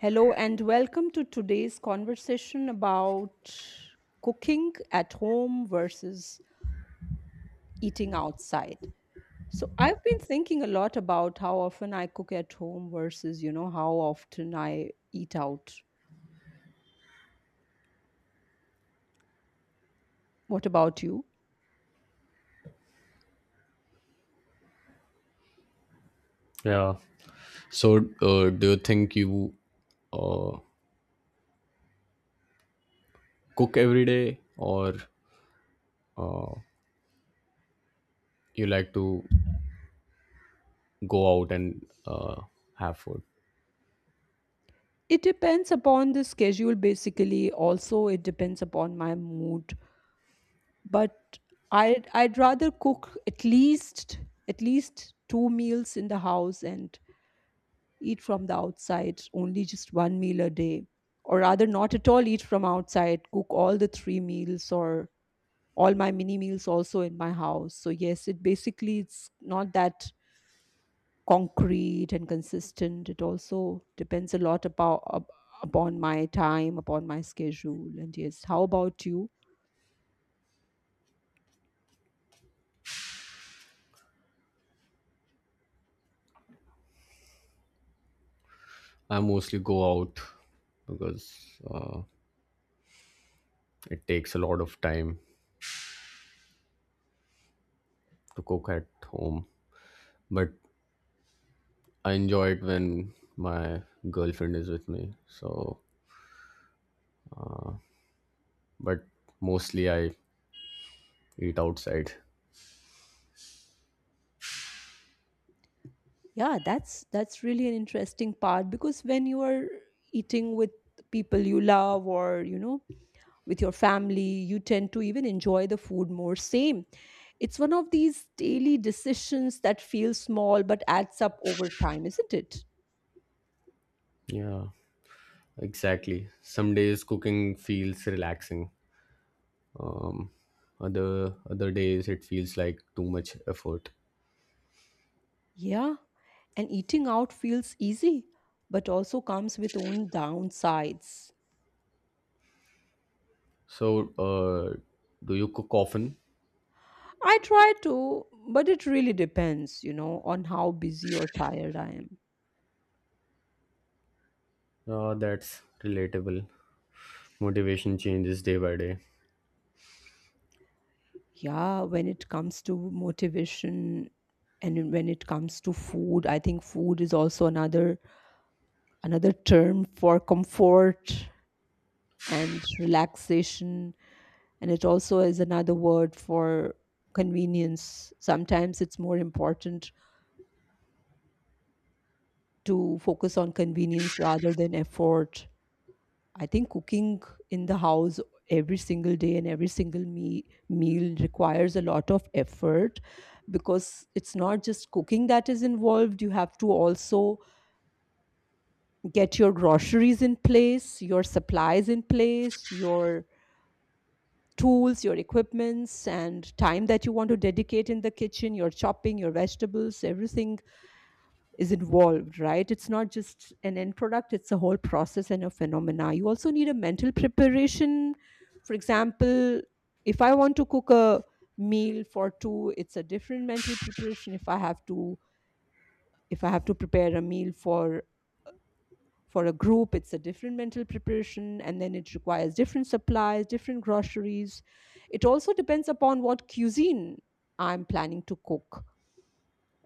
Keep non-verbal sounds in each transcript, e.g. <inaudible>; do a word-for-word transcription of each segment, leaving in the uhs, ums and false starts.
Hello and welcome to today's conversation about cooking at home versus eating outside. So I've been thinking a lot about how often I cook at home versus, you know, how often I eat out. What about you? Yeah. So, uh, do you think you cook every day or you like to go out and uh, have food? It depends upon the schedule basically. Also, it depends upon my mood. But I'd I'd rather cook at least at least two meals in the house and eat from the outside only just one meal a day, or rather, not at all eat from outside, cook all the three meals or all my mini meals also in my house. So, yes, it basically it's not that concrete and consistent. It also depends a lot about up- upon my time, upon my schedule. And yes, how about you? I mostly go out because uh, it takes a lot of time to cook at home, but I enjoy it when my girlfriend is with me. So, but mostly I eat outside. Yeah, that's that's really an interesting part, because when you are eating with people you love or you know with your family, you tend to even enjoy the food more. Same, it's one of these daily decisions that feel small but adds up over time, isn't it? Yeah, exactly. Some days cooking feels relaxing. Other other days it feels like too much effort. Yeah, and eating out feels easy but also comes with own downsides. So, uh, do you cook often? I try to, but it really depends you know on how busy or tired I am. Uh, that's relatable. Motivation changes day by day. Yeah, when it comes to motivation and when it comes to food, I think food is also another another term for comfort and relaxation, and it also is another word for convenience. Sometimes it's more important to focus on convenience rather than effort. I think cooking in the house every single day and every single me- meal requires a lot of effort, because it's not just cooking that is involved. You have to also get your groceries in place, your supplies in place, your tools, your equipments, and time that you want to dedicate in the kitchen, your chopping, your vegetables, everything is involved, right? It's not just an end product, it's a whole process and a phenomena. You also need a mental preparation. For example, if I want to cook a meal for two, it's a different mental preparation. If I have to if I have to prepare a meal for for a group, it's a different mental preparation, and then it requires different supplies, different groceries. It also depends upon what cuisine I'm planning to cook,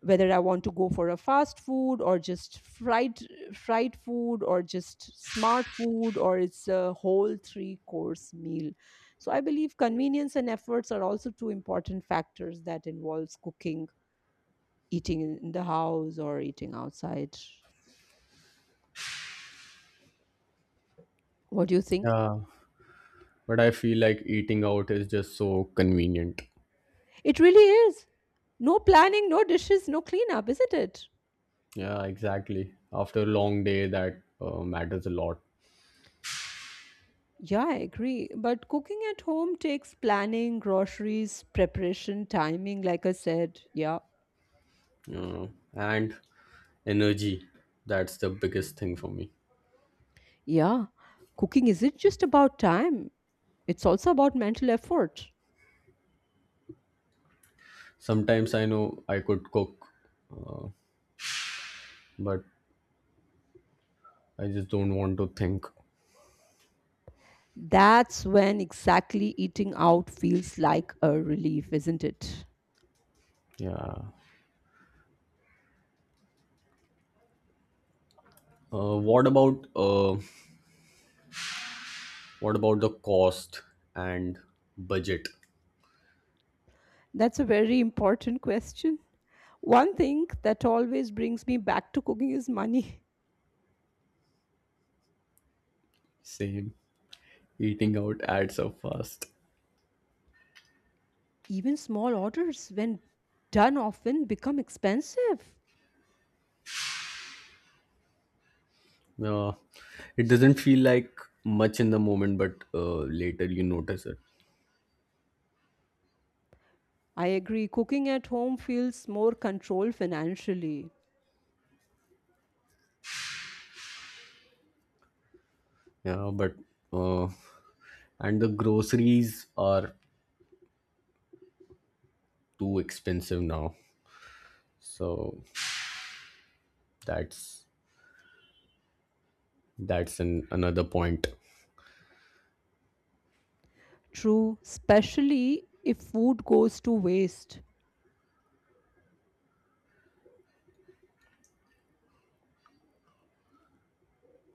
whether I want to go for a fast food or just fried fried food or just smart food, or it's a whole three course meal. So I believe convenience and efforts are also two important factors that involves cooking, eating in in the house or eating outside. What do you think? Yeah, but I feel like eating out is just so convenient. It really is. No planning, no dishes, no cleanup, isn't it? Yeah, exactly. After a long day, that uh, matters a lot. Yeah, I agree. But cooking at home takes planning, groceries, preparation, timing, like I said. Yeah. Uh, and energy, that's the biggest thing for me. Yeah, cooking isn't just about time, it's also about mental effort. Sometimes I know I could cook, but I just don't want to think. That's when exactly eating out feels like a relief, isn't it? Yeah. Uh, what about uh, what about the cost and budget? That's a very important question. One thing that always brings me back to cooking is money. Same. Eating out adds up fast. Even small orders, when done often, become expensive. No, it doesn't feel like much in the moment, but uh, later you notice it. I agree, cooking at home feels more controlled financially. Yeah, but uh, and the groceries are too expensive now. So that's that's an another point. True, especially if food goes to waste.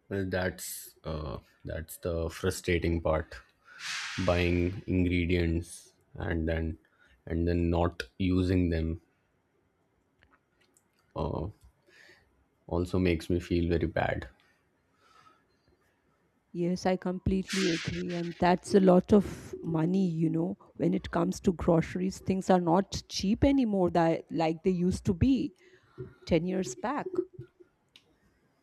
Well, that's uh, that's the frustrating part. Buying ingredients and then and then not using them, uh, also makes me feel very bad. Yes, I completely agree. And that's a lot of money, you know, when it comes to groceries. Things are not cheap anymore that like they used to be ten years back.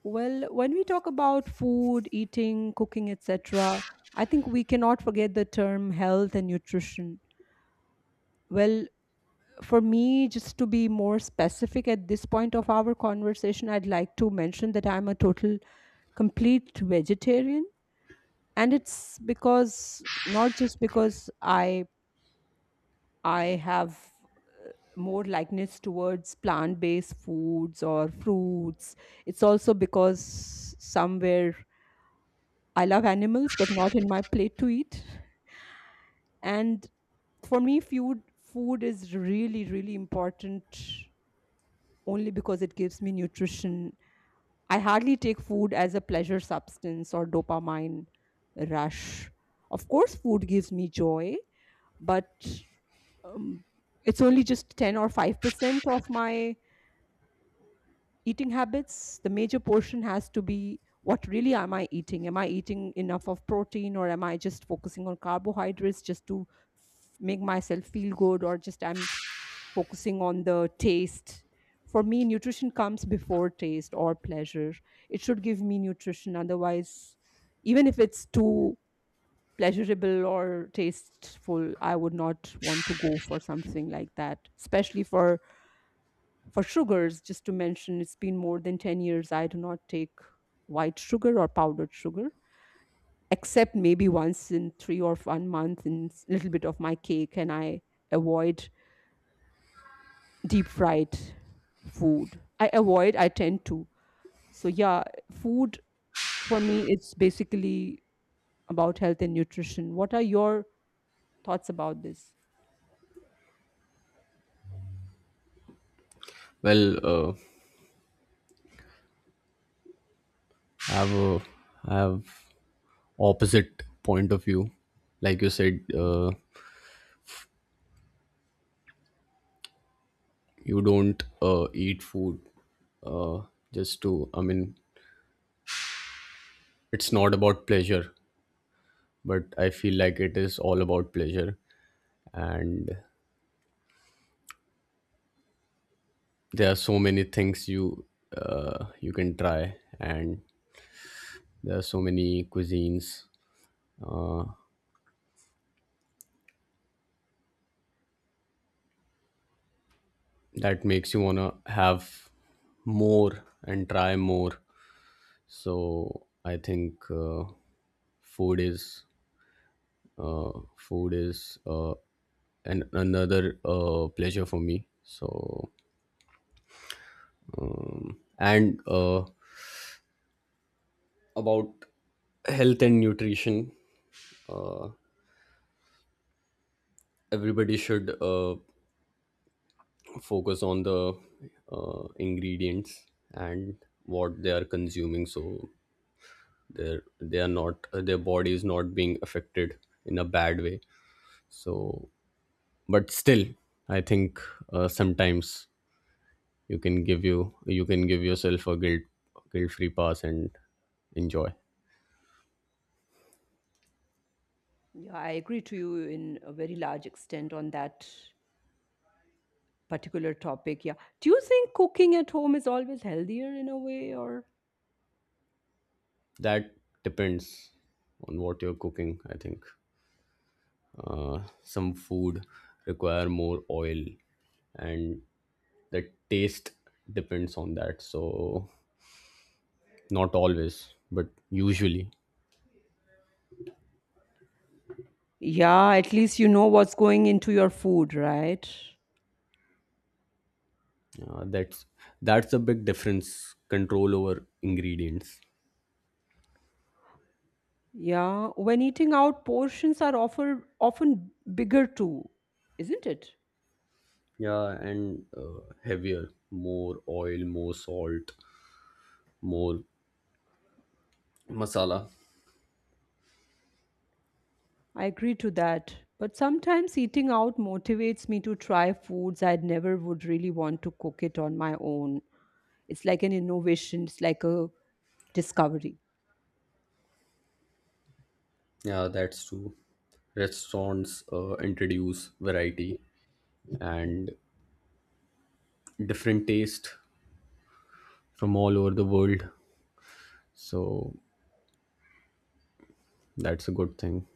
Well, when we talk about food, eating, cooking, et cetera, I think we cannot forget the term health and nutrition. Well, for me, just to be more specific at this point of our conversation, I'd like to mention that I'm a total complete vegetarian, and it's because not just because i i have more likeness towards plant based foods or fruits. It's also because somewhere I love animals, but not in my plate to eat. And for me, food food is really really important, only because it gives me nutrition. I hardly take food as a pleasure substance or dopamine rush. Of course food gives me joy, but um, it's only just ten or five percent of my eating habits. The major portion has to be what really am I eating, am I eating enough of protein, or am I just focusing on carbohydrates just to f- make myself feel good, or just I'm focusing on the taste. For me nutrition comes before taste or pleasure. It should give me nutrition, otherwise, even if it's too pleasurable or tasteful, I would not want to go for something like that. Especially for For sugars, just to mention, it's been more than ten years I do not take white sugar or powdered sugar, except maybe once in three or one month in a little bit of my cake, and I avoid deep fried food. I avoid, I tend to. So, yeah, food for me is basically about health and nutrition. What are your thoughts about this? Well, uh, I have a, I have opposite point of view. Like you said, uh, you don't uh, eat food uh, just to. I mean, it's not about pleasure, but I feel like it is all about pleasure, and there are so many things you, uh, you can try, and there are so many cuisines uh, that makes you wanna have more and try more. So I think. Uh, food is uh, food is uh, an, another uh, pleasure for me. So um, and uh, about health and nutrition, everybody should uh, focus on the uh, ingredients and what they are consuming, so they're they are not, their body is not being affected in a bad way. So but still I think uh, sometimes you can give you you can give yourself a guilt guilt free pass and enjoy. Yeah, I agree to you in a very large extent on that particular topic, yeah. Do you think cooking at home is always healthier in a way, or? That depends on what you're cooking. I think some food require more oil, and the taste depends on that. So not always, but usually. Yeah, at least you know what's going into your food, right? Uh, that's that's a big difference. Control over ingredients. Yeah, when eating out, portions are offer, often bigger too, isn't it? Yeah, and uh, heavier, more oil, more salt, more masala. I agree to that, but sometimes eating out motivates me to try foods I'd never would really want to cook it on my own. It's like an innovation, it's like a discovery. Yeah, that's true. Restaurants uh, introduce variety and different taste from all over the world. So that's a good thing.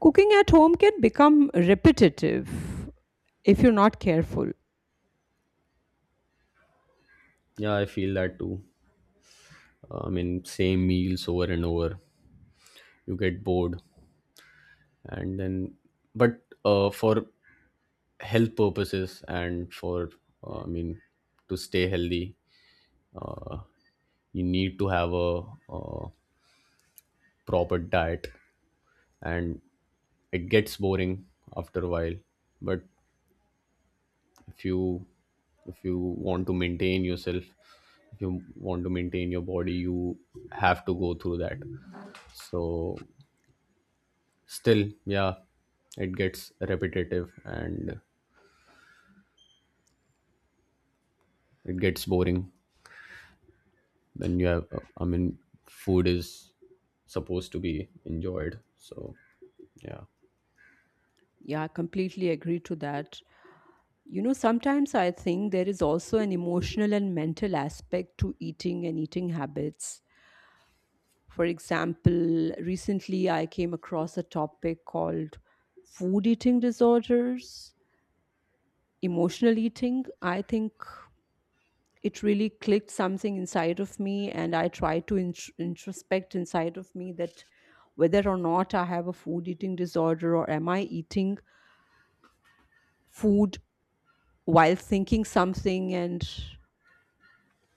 Cooking at home can become repetitive if you're not careful. Yeah, I feel that too. Uh, I mean, same meals over and over, you get bored, and then, but uh, for health purposes and for, uh, I mean, to stay healthy, you need to have a, uh proper diet, and it gets boring after a while. But if you if you want to maintain yourself, if you want to maintain your body, you have to go through that. So still, yeah, it gets repetitive and it gets boring. Then you have, I mean, food is supposed to be enjoyed. So yeah. Yeah, I completely agree to that. You know, sometimes I think there is also an emotional and mental aspect to eating and eating habits. For example, recently I came across a topic called food eating disorders, emotional eating. I think it really clicked something inside of me, and I tried to intr- introspect inside of me that whether or not I have a food eating disorder, or am I eating food while thinking something. And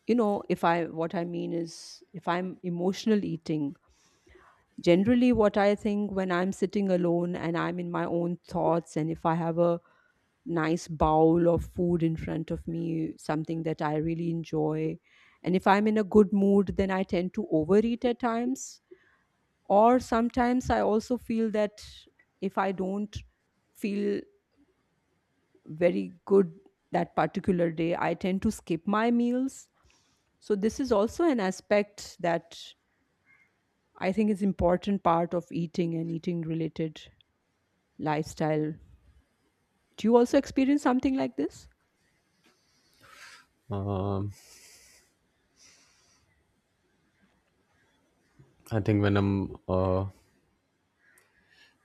you know if I what I mean is, if I'm emotional eating, generally what I think when I'm sitting alone and I'm in my own thoughts, and if I have a nice bowl of food in front of me, something that I really enjoy, and if I'm in a good mood, then I tend to overeat at times. Or sometimes I also feel that if I don't feel very good that particular day, I tend to skip my meals. So this is also an aspect that I think is important part of eating and eating related lifestyle. Do you also experience something like this? I think when I'm uh,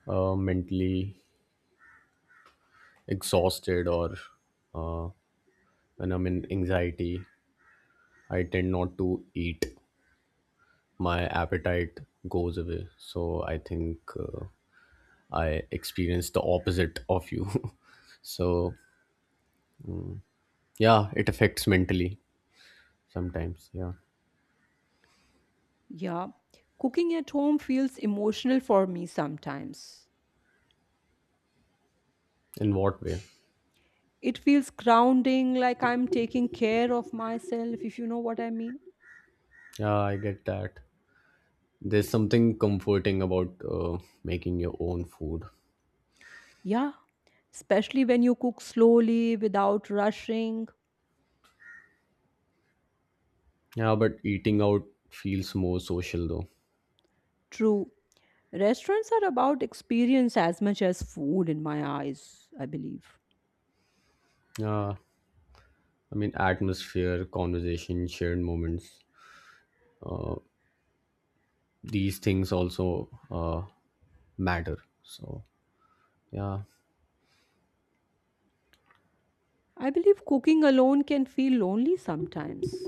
uh, mentally exhausted or when I'm in anxiety, I tend not to eat. My appetite goes away. So I think uh, I experience the opposite of you. <laughs> So yeah, it affects mentally sometimes. Yeah. Yeah. Cooking at home feels emotional for me sometimes. In what way? It feels grounding, like I'm taking care of myself, if you know what I mean. Yeah, I get that. There's something comforting about uh, making your own food. Yeah. Especially when you cook slowly without rushing. Yeah, but eating out feels more social though. True. Restaurants are about experience as much as food, in my eyes, I believe. Yeah, I mean, atmosphere, conversation, shared moments, these things also uh, matter. So, yeah. I believe cooking alone can feel lonely sometimes.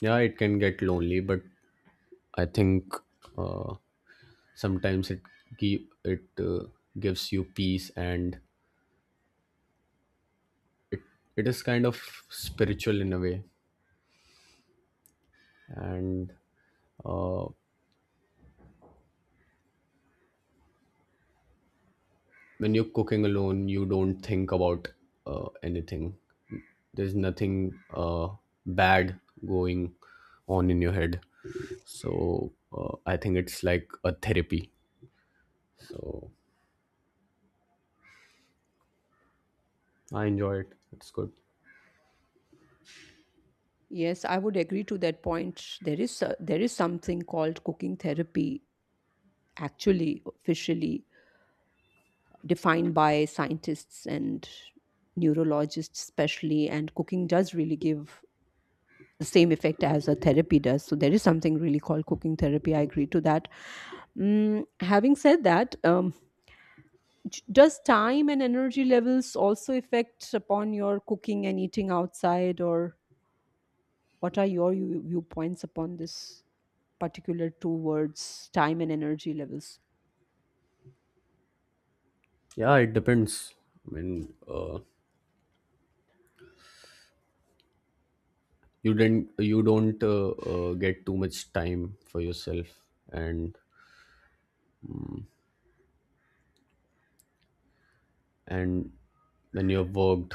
Yeah, it can get lonely, but I think uh, sometimes it gi- it uh, gives you peace, and it is kind of spiritual in a way. And uh, when you're cooking alone, you don't think about, uh, anything. There's nothing uh, bad going on in your head. So uh, I think it's like a therapy. So I enjoy it. It's good. Yes, I would agree to that point. There is a- there is something called cooking therapy, actually officially defined by scientists and neurologists, especially. And cooking does really give the same effect as a therapy does. So there is something really called cooking therapy. I agree to that. Mm, having said that, um, j- does time and energy levels also affect upon your cooking and eating outside, or what are your view- viewpoints upon this, particular towards time and energy levels? Yeah, it depends. I mean, uh, you didn't you don't uh, uh, get too much time for yourself, and and when you have worked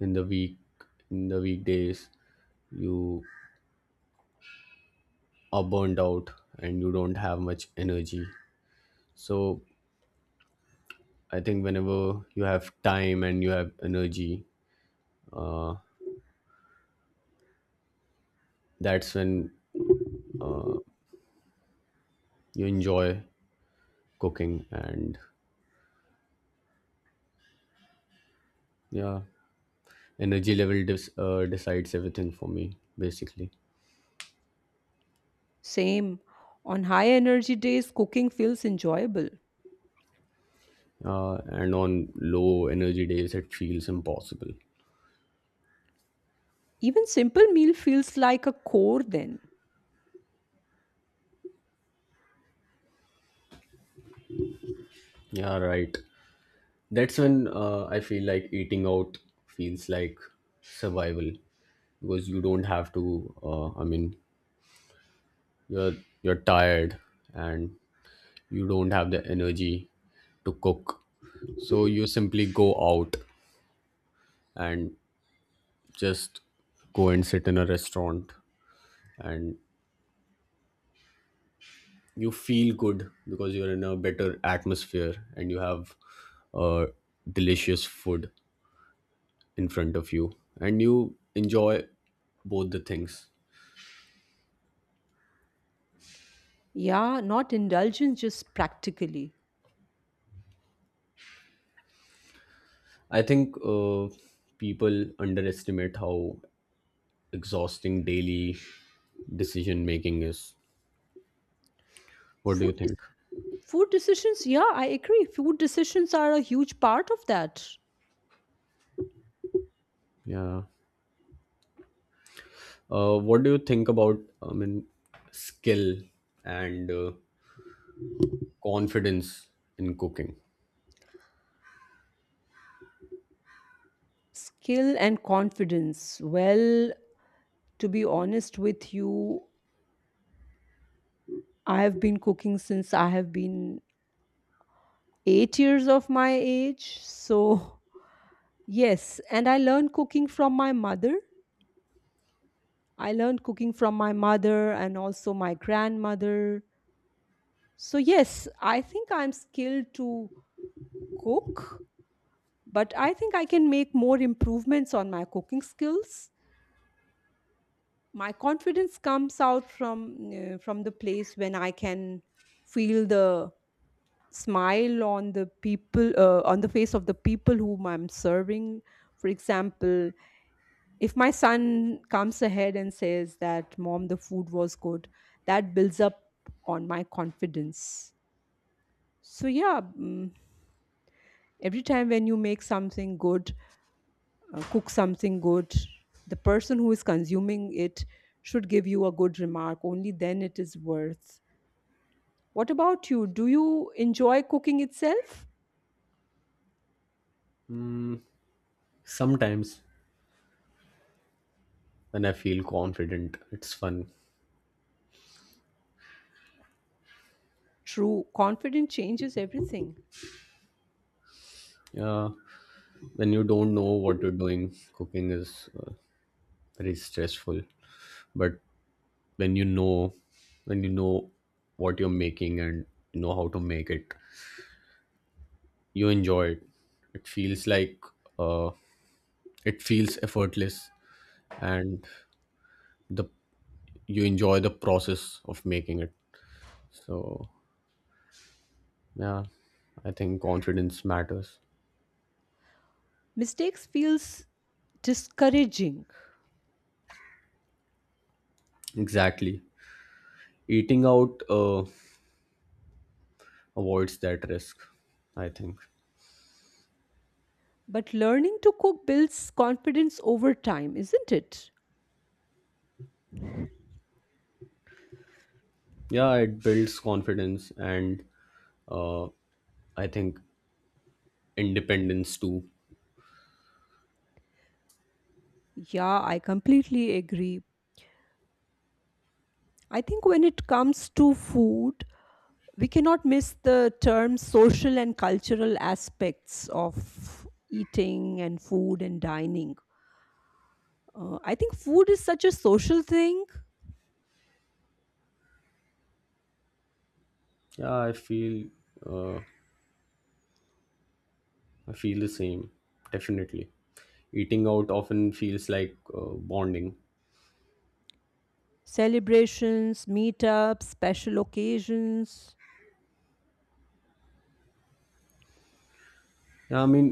in the week, in the weekdays, you are burned out and you don't have much energy. So I think whenever you have time and you have energy, that's when you enjoy cooking. And yeah, energy level dis- uh, decides everything for me basically. Same. On high energy days, cooking feels enjoyable. Uh, and on low energy days it feels impossible. Even simple meal feels like a core then. Yeah, right. That's when uh, I feel like eating out feels like survival, because you don't have to. Uh, I mean, you're you're tired and you don't have the energy to cook, so you simply go out and just go and sit in a restaurant, and you feel good because you're in a better atmosphere and you have uh, delicious food in front of you and you enjoy both the things. Yeah, not indulgence, just practically. I think uh, people underestimate how exhausting daily decision making is. What do you Food is think? food decisions, yeah, I agree. Food decisions are a huge part of that. Yeah. Uh, what do you think about, I mean, skill and uh, confidence in cooking? Skill and confidence. Well, to be honest with you, I have been cooking since I have been eight years of my age. So <laughs> Yes, and I learned cooking from my mother. I learned cooking from my mother and also my grandmother. So, yes, I think I'm skilled to cook, but I think I can make more improvements on my cooking skills. My confidence comes out from uh, from the place when I can feel the smile on the people, uh, on the face of the people whom I'm serving. For example, if my son comes ahead and says that, "Mom, the food was good," that builds up on my confidence. So yeah. Mm, every time when you make something good, uh, cook something good, the person who is consuming it should give you a good remark, only then it is worth. What about you, do you enjoy cooking itself? Sometimes when I feel confident, it's fun. True, confidence changes everything. Yeah. When you don't know what you're doing, cooking is uh, very stressful. But when you know, when you know what you're making and you know how to make it, you enjoy it. It feels like, uh, it feels effortless, and the, you enjoy the process of making it. So yeah, I think confidence matters. Mistakes feels discouraging. Exactly. Eating out uh, avoids that risk, I think. But learning to cook builds confidence over time, isn't it? Yeah, it builds confidence and uh, I think independence too. Yeah, I completely agree. I think when it comes to food, we cannot miss the term social and cultural aspects of eating and food and dining. Uh, I think food is such a social thing. Yeah, I feel uh, I feel the same. Definitely eating out often feels like uh, bonding. Celebrations, meetups, special occasions. Yeah, I mean,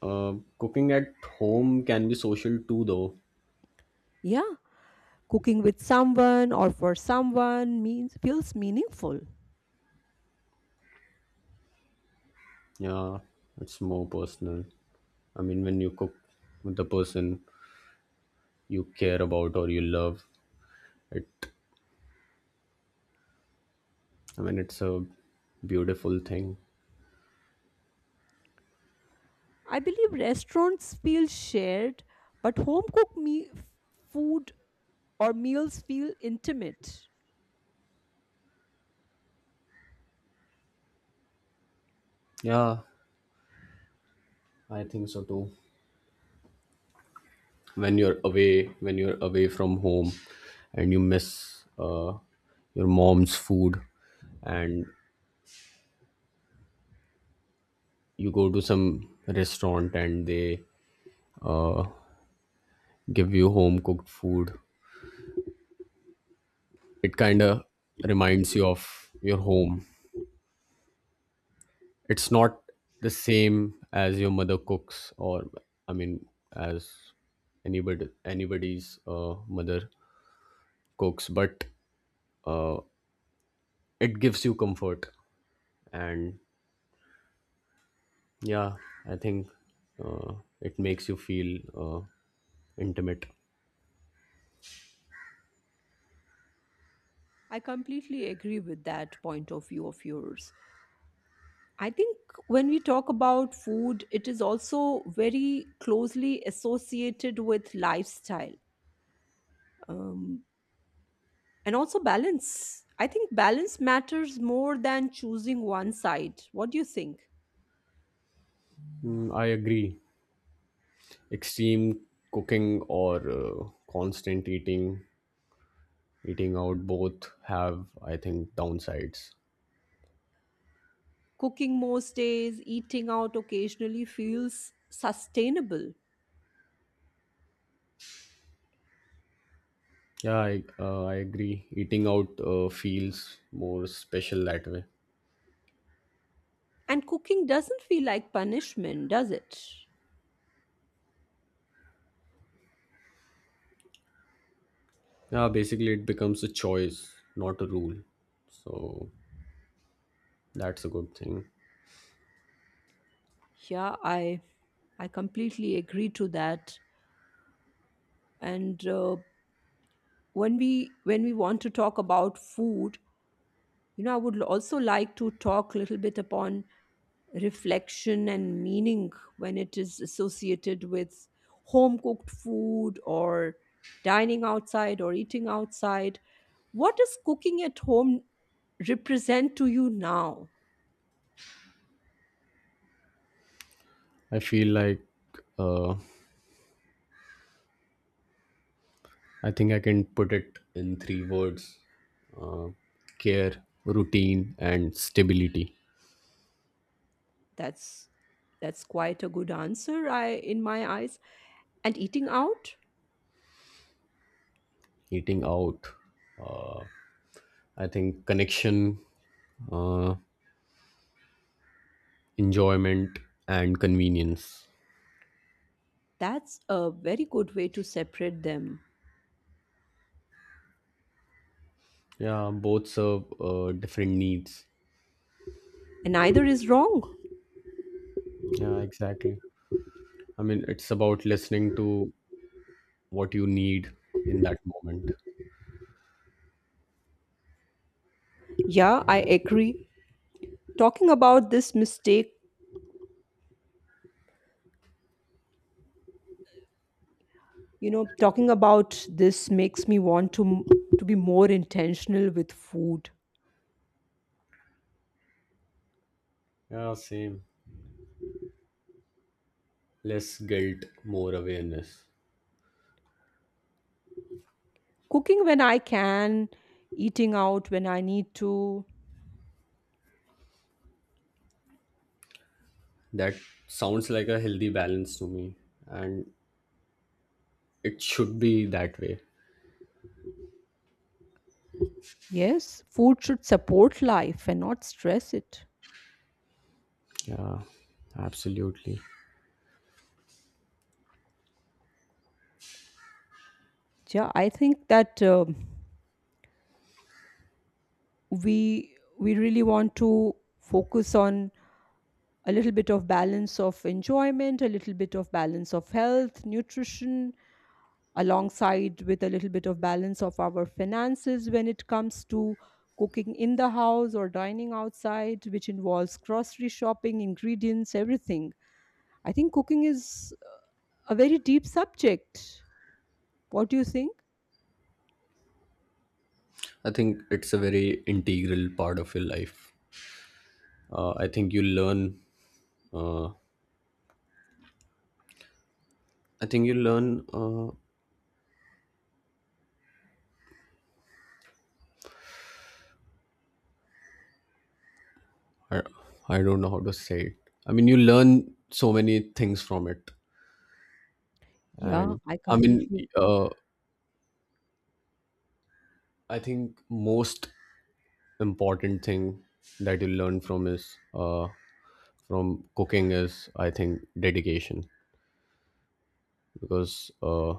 Uh, cooking at home can be social too, though. Yeah, cooking with someone or for someone means feels meaningful. Yeah, it's more personal. I mean, when you cook with the person you care about or you love, it. I mean, it's a beautiful thing. I believe restaurants feel shared, but home cooked me- f- food or meals feel intimate. Yeah, I think so too. When you're away, when you're away from home, and you miss uh, your mom's food, and you go to some restaurant and they give you home cooked food, it kind of reminds you of your home. It's not the same as your mother cooks, or I mean, as anybody anybody's uh, mother cooks, but it gives you comfort. And yeah, I think uh, it makes you feel uh, intimate. I completely agree with that point of view of yours. I think when we talk about food, it is also very closely associated with lifestyle, um, and also balance. I think balance matters more than choosing one side. What do you think? Mm, I agree. Extreme cooking or uh, constant eating, eating out both have, I think, downsides. Cooking most days, eating out occasionally feels sustainable. Yeah, I, uh, I agree. Eating out uh, feels more special that way. And cooking doesn't feel like punishment, does it? Yeah, basically, it becomes a choice, not a rule. So that's a good thing. Yeah, I I completely agree to that. And uh, when we when we want to talk about food, you know, I would also like to talk a little bit upon reflection and meaning when it is associated with home cooked food or dining outside or eating outside. What does cooking at home represent to you now? I feel like uh, I think I can put it in three words: care, routine, and stability. That's that's quite a good answer I in my eyes. And eating out, Eating out, I think connection, uh, enjoyment, and convenience. that's a very good way to separate them. Yeah, both serve uh, different needs. And neither is wrong. Yeah, exactly. I mean, it's about listening to what you need in that moment. Yeah, I agree. Talking about this mistake, you know, talking about this makes me want to to be more intentional with food. Yeah, same. Less guilt, more awareness. Cooking when I can, eating out when I need to. That sounds like a healthy balance to me, and it should be that way. Yes, food should support life and not stress it. Yeah, absolutely. Yeah, I think that um we we really want to focus on a little bit of balance of enjoyment, a little bit of balance of health nutrition, alongside with a little bit of balance of our finances when it comes to cooking in the house or dining outside, which involves grocery shopping, ingredients, everything. I think cooking is a very deep subject. What do you think? I think it's a very integral part of your life. Uh, I think you learn. Uh, I think you learn. Uh, I, I don't know how to say it. I mean, you learn so many things from it, Yeah, and I I mean, completely. uh, I think most important thing that you learn from is uh, from cooking is I think dedication, because uh,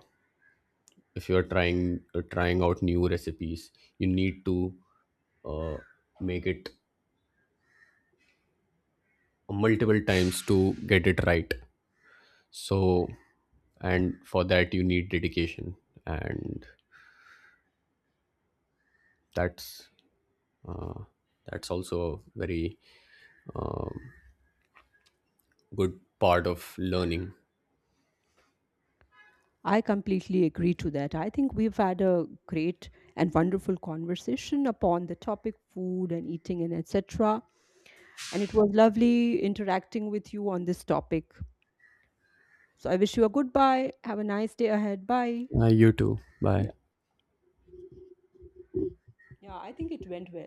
if you are trying uh, trying out new recipes, you need to uh, make it multiple times to get it right. So and for that you need dedication, and that's that's also a very good part of learning. I completely agree to that. I think we've had a great and wonderful conversation upon the topic food and eating and et cetera. And it was lovely interacting with you on this topic. So I wish you a goodbye. Have a nice day ahead. Bye. Uh, you too. Bye. Yeah. Yeah, I think it went well.